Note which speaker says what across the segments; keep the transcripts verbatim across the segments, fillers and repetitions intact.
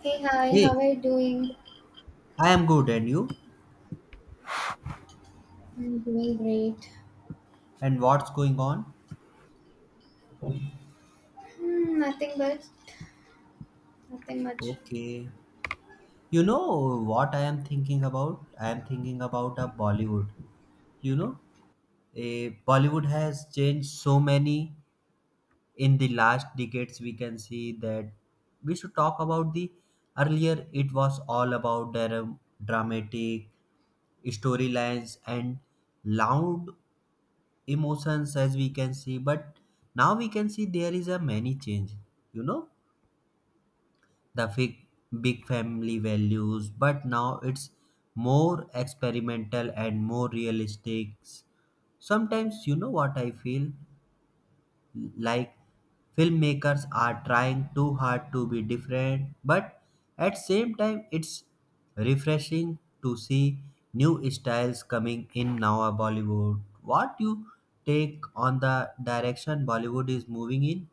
Speaker 1: Hey, hi,
Speaker 2: Hey,
Speaker 1: how are you doing?
Speaker 2: I am good, and you?
Speaker 1: I'm doing great.
Speaker 2: And what's going on?
Speaker 1: Hmm, nothing but nothing much.
Speaker 2: Okay. You know what I am thinking about? I am thinking about a Bollywood. You know, a Bollywood has changed so many in the last decades. We can see that we should talk about the earlier. It was all about dra- dramatic storylines and loud emotions, as we can see. But now we can see there is a many change. You know the big, big family values, but now it's more experimental and more realistic. Sometimes, you know what I feel like filmmakers are trying too hard to be different, but at same time, it's refreshing to see new styles coming in now. uh, Bollywood, what you take on the direction Bollywood is moving in?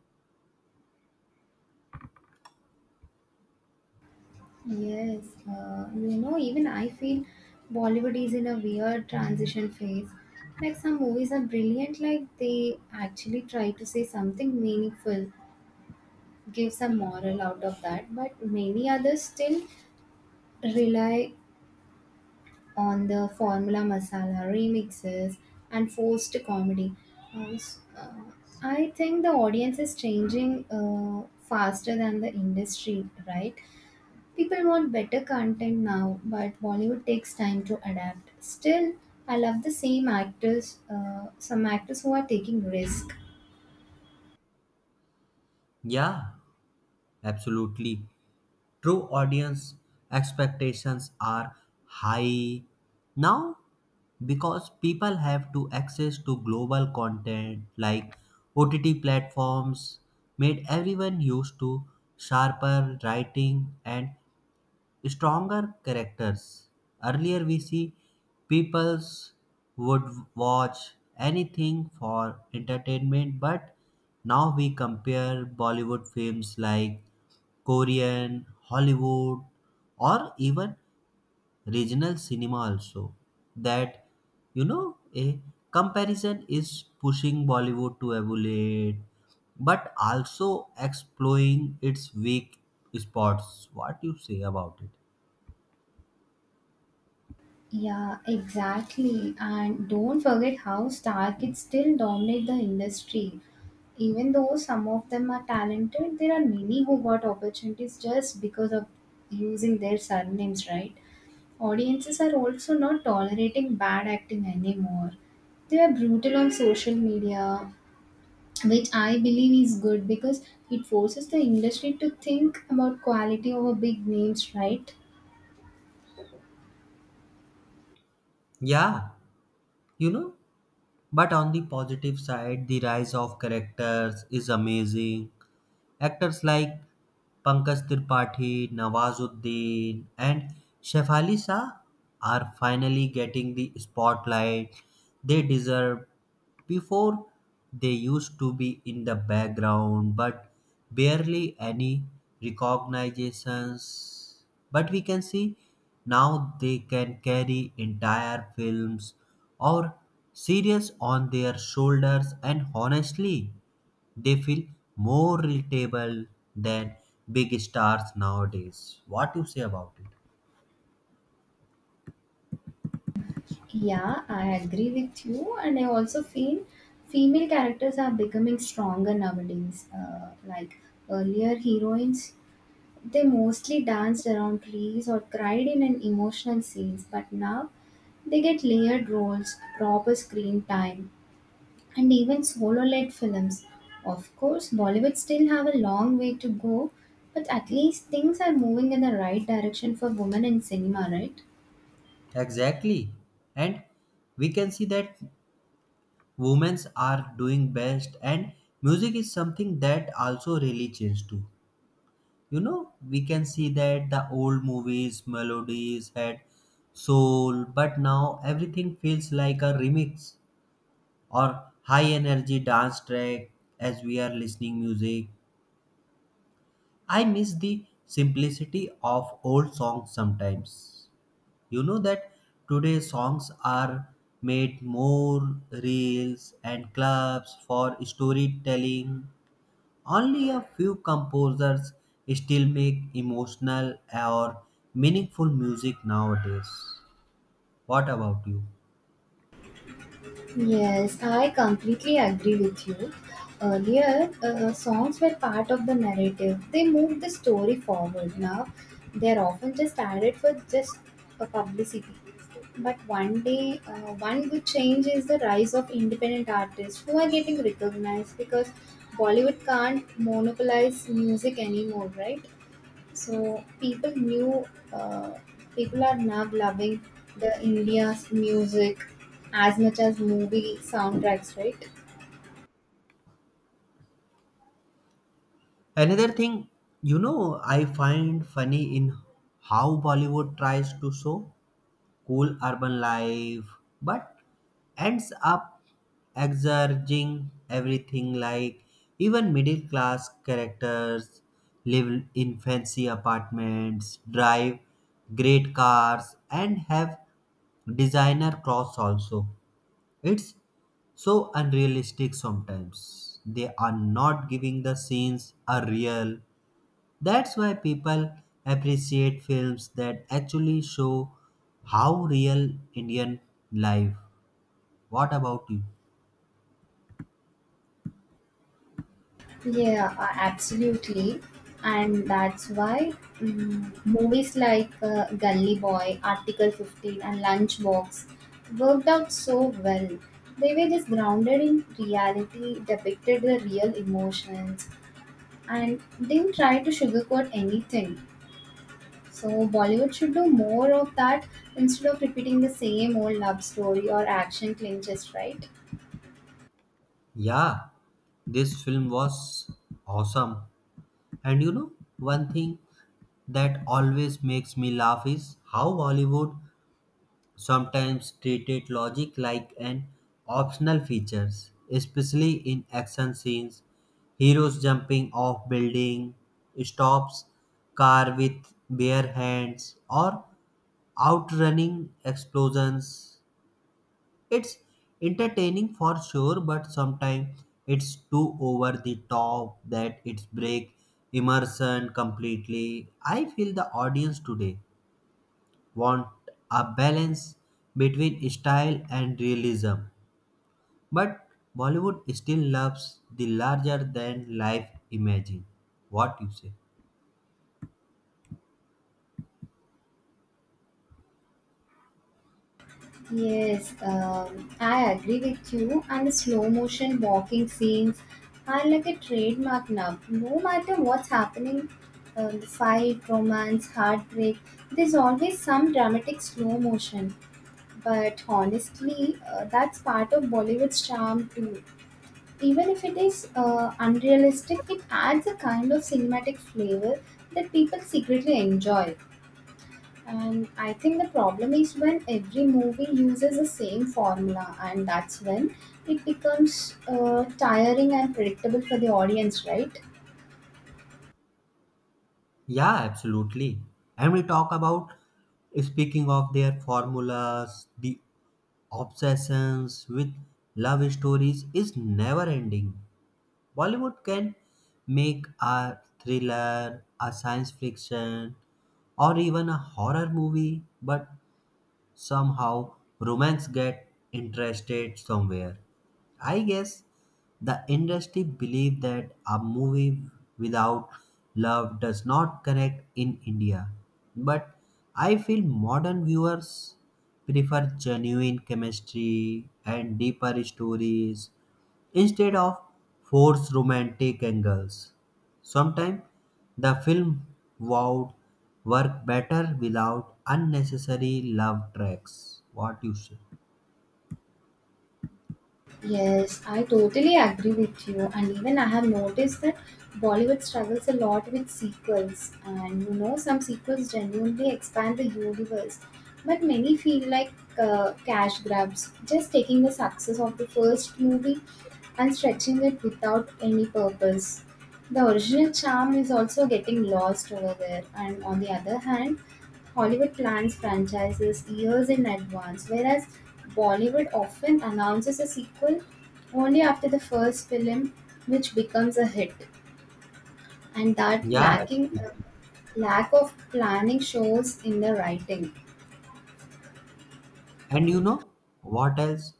Speaker 1: Yes, uh, you know, even I feel Bollywood is in a weird transition phase. Like some movies are brilliant, like they actually try to say something meaningful, give some moral out of that, but many others still rely on the Formula Masala remixes and forced comedy. Uh, s- uh, I think the audience is changing uh, faster than the industry, right? People want better content now, but Bollywood takes time to adapt. Still, I love the same actors, uh, some actors who are taking risk.
Speaker 2: Yeah, absolutely. True audience expectations are high now because people have to access to global content like O T T platforms made everyone used to sharper writing and stronger characters. Earlier, we see peoples would watch anything for entertainment, but now we compare Bollywood films like Korean, Hollywood, or even regional cinema also. That, you know, a comparison is pushing Bollywood to evaluate, but also exploring its weak spots. What you say about it?
Speaker 1: Yeah, exactly. And don't forget how star kids still dominate the industry. Even though some of them are talented, there are many who got opportunities just because of using their surnames, right? Audiences are also not tolerating bad acting anymore. They are brutal on social media, which I believe is good because it forces the industry to think about quality over big names, right?
Speaker 2: Yeah, you know, but on the positive side, the rise of characters is amazing. Actors like Pankaj Tripathi, Nawazuddin, and Shefali Shah are finally getting the spotlight they deserve. Before, they used to be in the background, but barely any recognitions. But we can see now they can carry entire films or series on their shoulders, and honestly, they feel more relatable than big stars nowadays. What you say about it?
Speaker 1: Yeah, I agree with you, and I also feel female characters are becoming stronger nowadays. Uh, like earlier, heroines they mostly danced around trees or cried in an emotional scenes, but now they get layered roles, proper screen time, and even solo-led films. Of course, Bollywood still have a long way to go, but at least things are moving in the right direction for women in cinema, right?
Speaker 2: Exactly. And we can see that women's are doing best and music is something that also really changed too. You know, we can see that the old movies, melodies had soul, but now everything feels like a remix or high energy dance track as we are listening music. I miss the simplicity of old songs sometimes. You know that today's songs are made more reels and clubs for storytelling. Only a few composers still make emotional or meaningful music nowadays. What about you?
Speaker 1: Yes, I completely agree with you. Earlier, uh, songs were part of the narrative. They moved the story forward. Now, they're often just added for just a publicity. But one day, uh, one good change is the rise of independent artists who are getting recognized because Bollywood can't monopolize music anymore, right? So people knew, uh, people are now loving the India's music as much as movie soundtracks, right?
Speaker 2: Another thing, you know, I find funny in how Bollywood tries to show cool urban life, but ends up exerging everything like even middle class characters live in fancy apartments, drive great cars, and have designer clothes also. It's so unrealistic sometimes. They are not giving the scenes a real, that's why people appreciate films that actually show how real Indian life. What about you?
Speaker 1: Yeah, uh, absolutely. And that's why mm, movies like uh, Gully Boy, Article fifteen, and Lunchbox worked out so well. They were just grounded in reality, depicted the real emotions, and didn't try to sugarcoat anything. So Bollywood should do more of that instead of repeating the same old love story or action clinches, right?
Speaker 2: Yeah, this film was awesome. And you know, one thing that always makes me laugh is how Bollywood sometimes treated logic like an optional features, especially in action scenes. Heroes jumping off building, stops car with bare hands, or outrunning explosions. It's entertaining for sure, but sometimes it's too over the top that it's break immersion completely. I feel the audience today want a balance between style and realism, but Bollywood still loves the larger than life imaging. What you say?
Speaker 1: Yes, um, I agree with you. And the slow motion walking scenes are like a trademark now. No matter what's happening, um, the fight, romance, heartbreak, there's always some dramatic slow motion. But honestly, uh, that's part of Bollywood's charm too. Even if it is uh, unrealistic, it adds a kind of cinematic flavor that people secretly enjoy. And I think the problem is when every movie uses the same formula, and that's when it becomes uh, tiring and predictable for the audience, right?
Speaker 2: Yeah, absolutely. And we talk about speaking of their formulas, the obsessions with love stories is never ending. Bollywood can make a thriller, a science fiction, or even a horror movie, but somehow romance get interested somewhere. I guess the industry believed that a movie without love does not connect in India. But I feel modern viewers prefer genuine chemistry and deeper stories instead of forced romantic angles. Sometimes the film wowed work better without unnecessary love tracks. What you say?
Speaker 1: Yes, I totally agree with you. And even I have noticed that Bollywood struggles a lot with sequels. And you know, some sequels genuinely expand the universe, but many feel like uh, cash grabs, just taking the success of the first movie and stretching it without any purpose. The original charm is also getting lost over there. And on the other hand, Hollywood plans franchises years in advance, whereas Bollywood often announces a sequel only after the first film, which becomes a hit. And that
Speaker 2: Yeah,
Speaker 1: lacking
Speaker 2: absolutely.
Speaker 1: Lack of planning shows in the writing.
Speaker 2: And you know what else?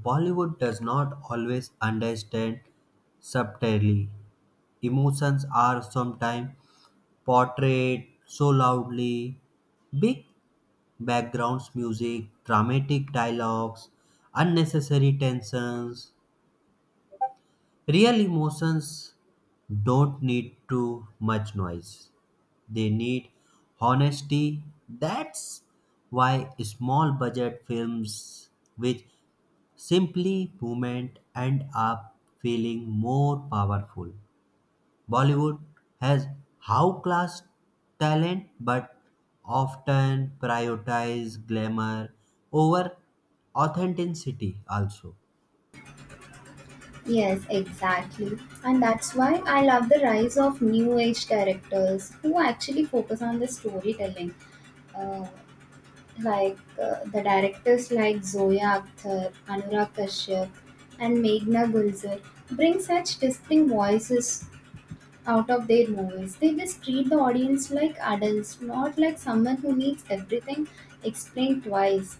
Speaker 2: Bollywood does not always understand subtly. Emotions are sometimes portrayed so loudly. Big backgrounds music, dramatic dialogues, unnecessary tensions. Real emotions don't need too much noise. They need honesty. That's why small budget films with simply movement end up feeling more powerful. Bollywood has how class talent but often prioritize glamour over authenticity also.
Speaker 1: Yes, exactly. And that's why I love the rise of new age directors who actually focus on the storytelling. Uh, like uh, the directors like Zoya Akhtar, Anurag Kashyap, and Meghna Gulzar bring such distinct voices out of their movies. They just treat the audience like adults, not like someone who needs everything explained twice.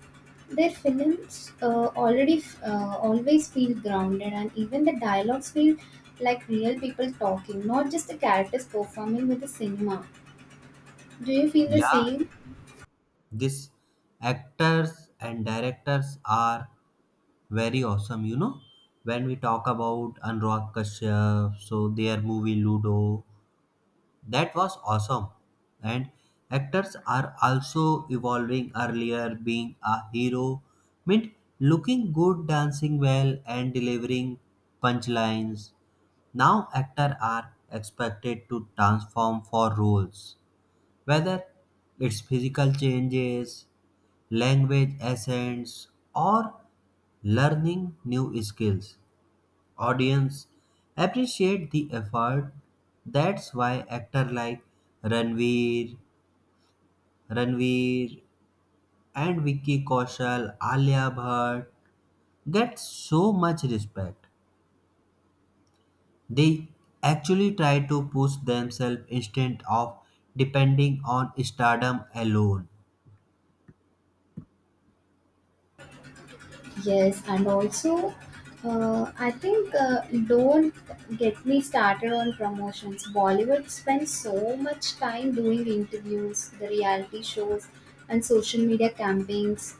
Speaker 1: Their films uh, already f- uh, always feel grounded, and even the dialogues feel like real people talking, not just the characters performing with the cinema. Do you feel the
Speaker 2: Yeah,
Speaker 1: same?
Speaker 2: these actors and directors are very awesome, you know. When we talk about Anurag Kashyap, so their movie Ludo, that was awesome. And actors are also evolving earlier, being a hero meant looking good, dancing well, and delivering punchlines. Now actors are expected to transform for roles, whether it's physical changes, language essence, or learning new skills. Audience appreciate the effort. That's why actors like Ranveer, Ranveer, and Vicky Kaushal, Alia Bhatt get so much respect. They actually try to push themselves instead of depending on stardom alone.
Speaker 1: Yes, and also, uh, I think uh, don't get me started on promotions. Bollywood spends so much time doing interviews, the reality shows, and social media campaigns,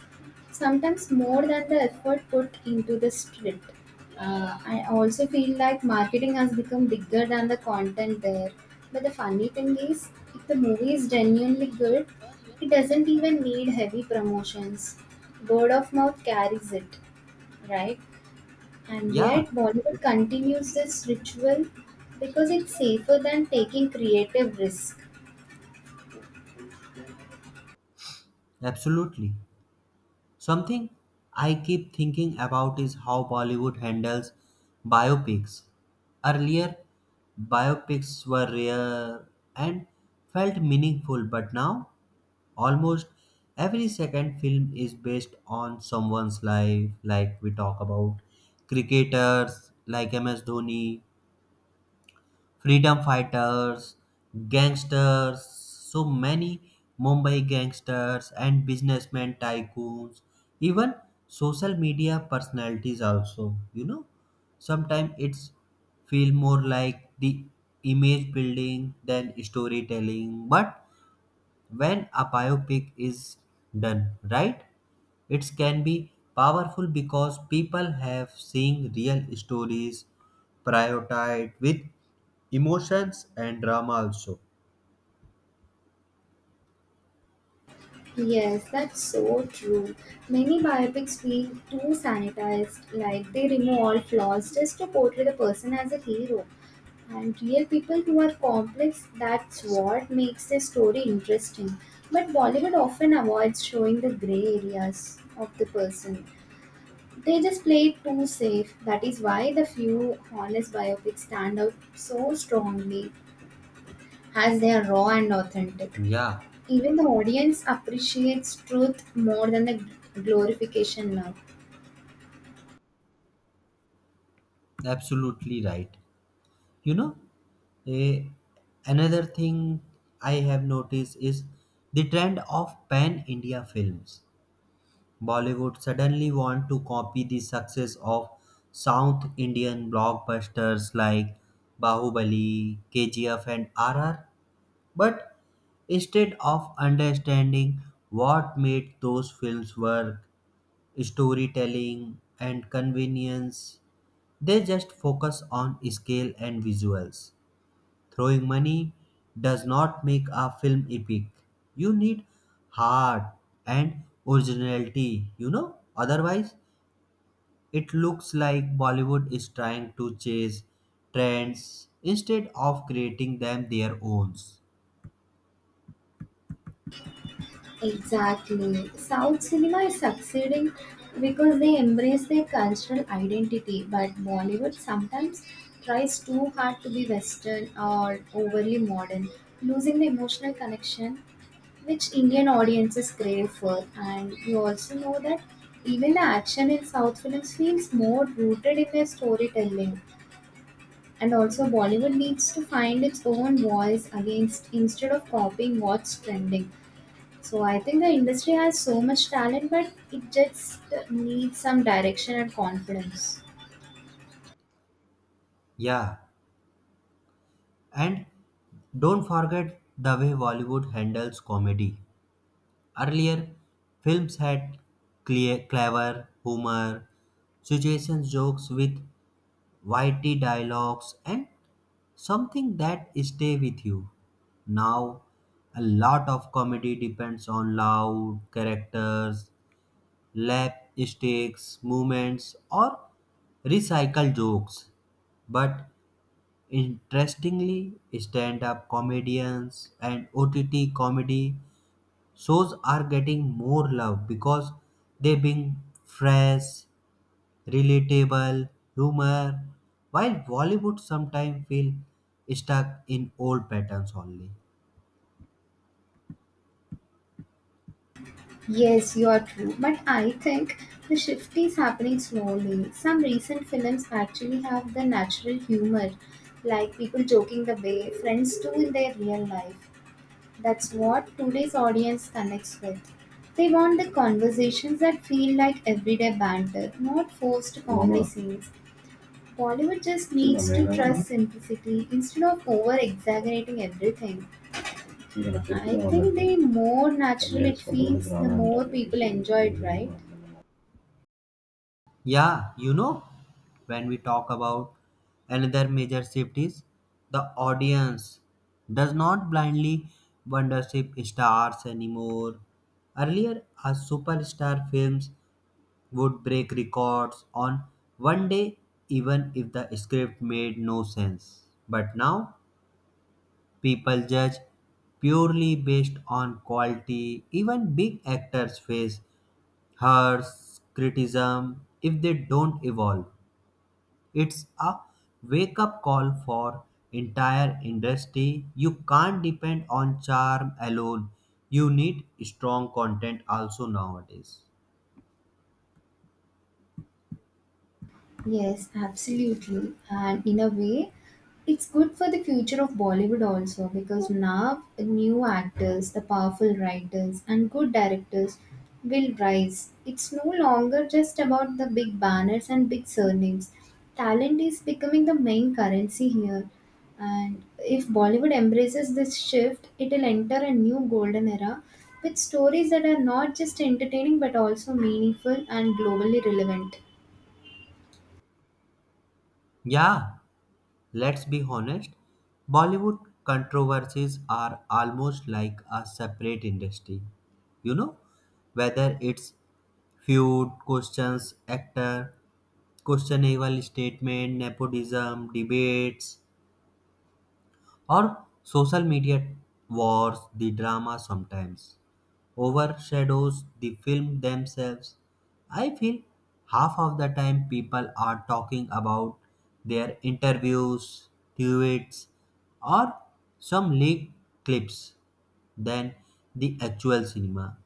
Speaker 1: sometimes more than the effort put into the script. Uh, I also feel like marketing has become bigger than the content there. But the funny thing is, if the movie is genuinely good, it doesn't even need heavy promotions. Word of mouth carries it, right? And
Speaker 2: Yeah,
Speaker 1: yet, Bollywood continues this ritual because it's safer than taking creative risk.
Speaker 2: absolutely. Something I keep thinking about is how Bollywood handles biopics. Earlier, biopics were rare and felt meaningful, but now almost every second film is based on someone's life, like we talk about cricketers like M S Dhoni, freedom fighters, gangsters, so many Mumbai gangsters and businessmen tycoons, even social media personalities also, you know. Sometimes it's feel more like the image building than storytelling, but when a biopic is done right, it can be powerful because people have seen real stories prioritized with emotions and drama also.
Speaker 1: Yes, that's so true. Many biopics feel too sanitized, like they remove all flaws just to portray the person as a hero. And real people who are complex, that's what makes the story interesting. But Bollywood often avoids showing the grey areas of the person. They just play it too safe. That is why the few honest biopics stand out so strongly as they are raw and authentic.
Speaker 2: Yeah,
Speaker 1: Even the audience appreciates truth more than the glorification now.
Speaker 2: absolutely right. You know, a another thing I have noticed is the trend of pan India films. Bollywood suddenly want to copy the success of South Indian blockbusters like Bahubali, K G F, and R R, but instead of understanding what made those films work, storytelling, and convenience, they just focus on scale and visuals. Throwing money does not make a film epic. You need heart and originality, you know? Otherwise, it looks like Bollywood is trying to chase trends instead of creating them their own.
Speaker 1: Exactly. South cinema is succeeding because they embrace their cultural identity, but Bollywood sometimes tries too hard to be Western or overly modern, losing the emotional connection which Indian audiences crave for. And you also know that even the action in South films feels more rooted in their storytelling. And also Bollywood needs to find its own voice against instead of copying what's trending. So I think the industry has so much talent, but it just needs some direction and confidence.
Speaker 2: Yeah, and don't forget the way Bollywood handles comedy. Earlier, films had clear, clever humor, situation jokes with witty dialogues, and something that stay with you. Now, a lot of comedy depends on loud characters, lap stakes, movements, or recycle jokes. But interestingly, stand-up comedians and O T T comedy shows are getting more love because they bring fresh, relatable humor, while Bollywood sometimes feel stuck in old patterns only.
Speaker 1: Yes, you are true. But I think the shift is happening slowly. Some recent films actually have the natural humor, like people joking the way friends do in their real life. That's what today's audience connects with. They want the conversations that feel like everyday banter, not forced comedy scenes. Bollywood just needs to trust simplicity instead of over exaggerating everything. I think the more natural it feels, the more people enjoy it, right?
Speaker 2: Yeah, you know, when we talk about another major shift is the audience does not blindly worship stars anymore. Earlier, a superstar films would break records on one day, even if the script made no sense. But now, people judge purely based on quality. Even big actors face harsh criticism if they don't evolve. It's a wake up call for entire industry. You can't depend on charm alone. You need strong content also nowadays.
Speaker 1: Yes, absolutely. And in a way, it's good for the future of Bollywood also because now new actors, the powerful writers, and good directors will rise. It's no longer just about the big banners and big surnames. Talent is becoming the main currency here. And if Bollywood embraces this shift, it'll enter a new golden era with stories that are not just entertaining but also meaningful and globally relevant.
Speaker 2: Yeah, let's be honest, Bollywood controversies are almost like a separate industry. You know, whether it's feud, questions, actor, questionable statement, nepotism, debates. Or social media wars, the drama sometimes overshadows the film themselves. I feel half of the time people are talking about their interviews, tweets, or some leaked clips than the actual cinema.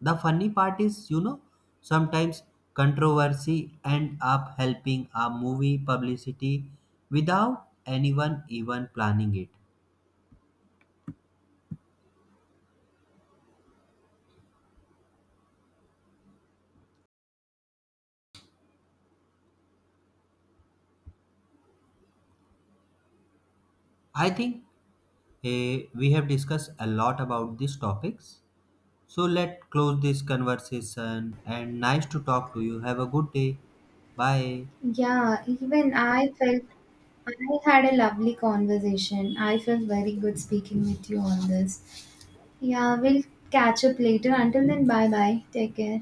Speaker 2: The funny part is, you know, sometimes controversy end up helping a movie publicity without anyone even planning it. I think eh, we have discussed a lot about these topics. So let us close this conversation and nice to talk to you. Have a good day. Bye.
Speaker 1: Yeah, even I felt I had a lovely conversation. I felt very good speaking with you on this. Yeah, we'll catch up later. Until then, bye bye. Take care.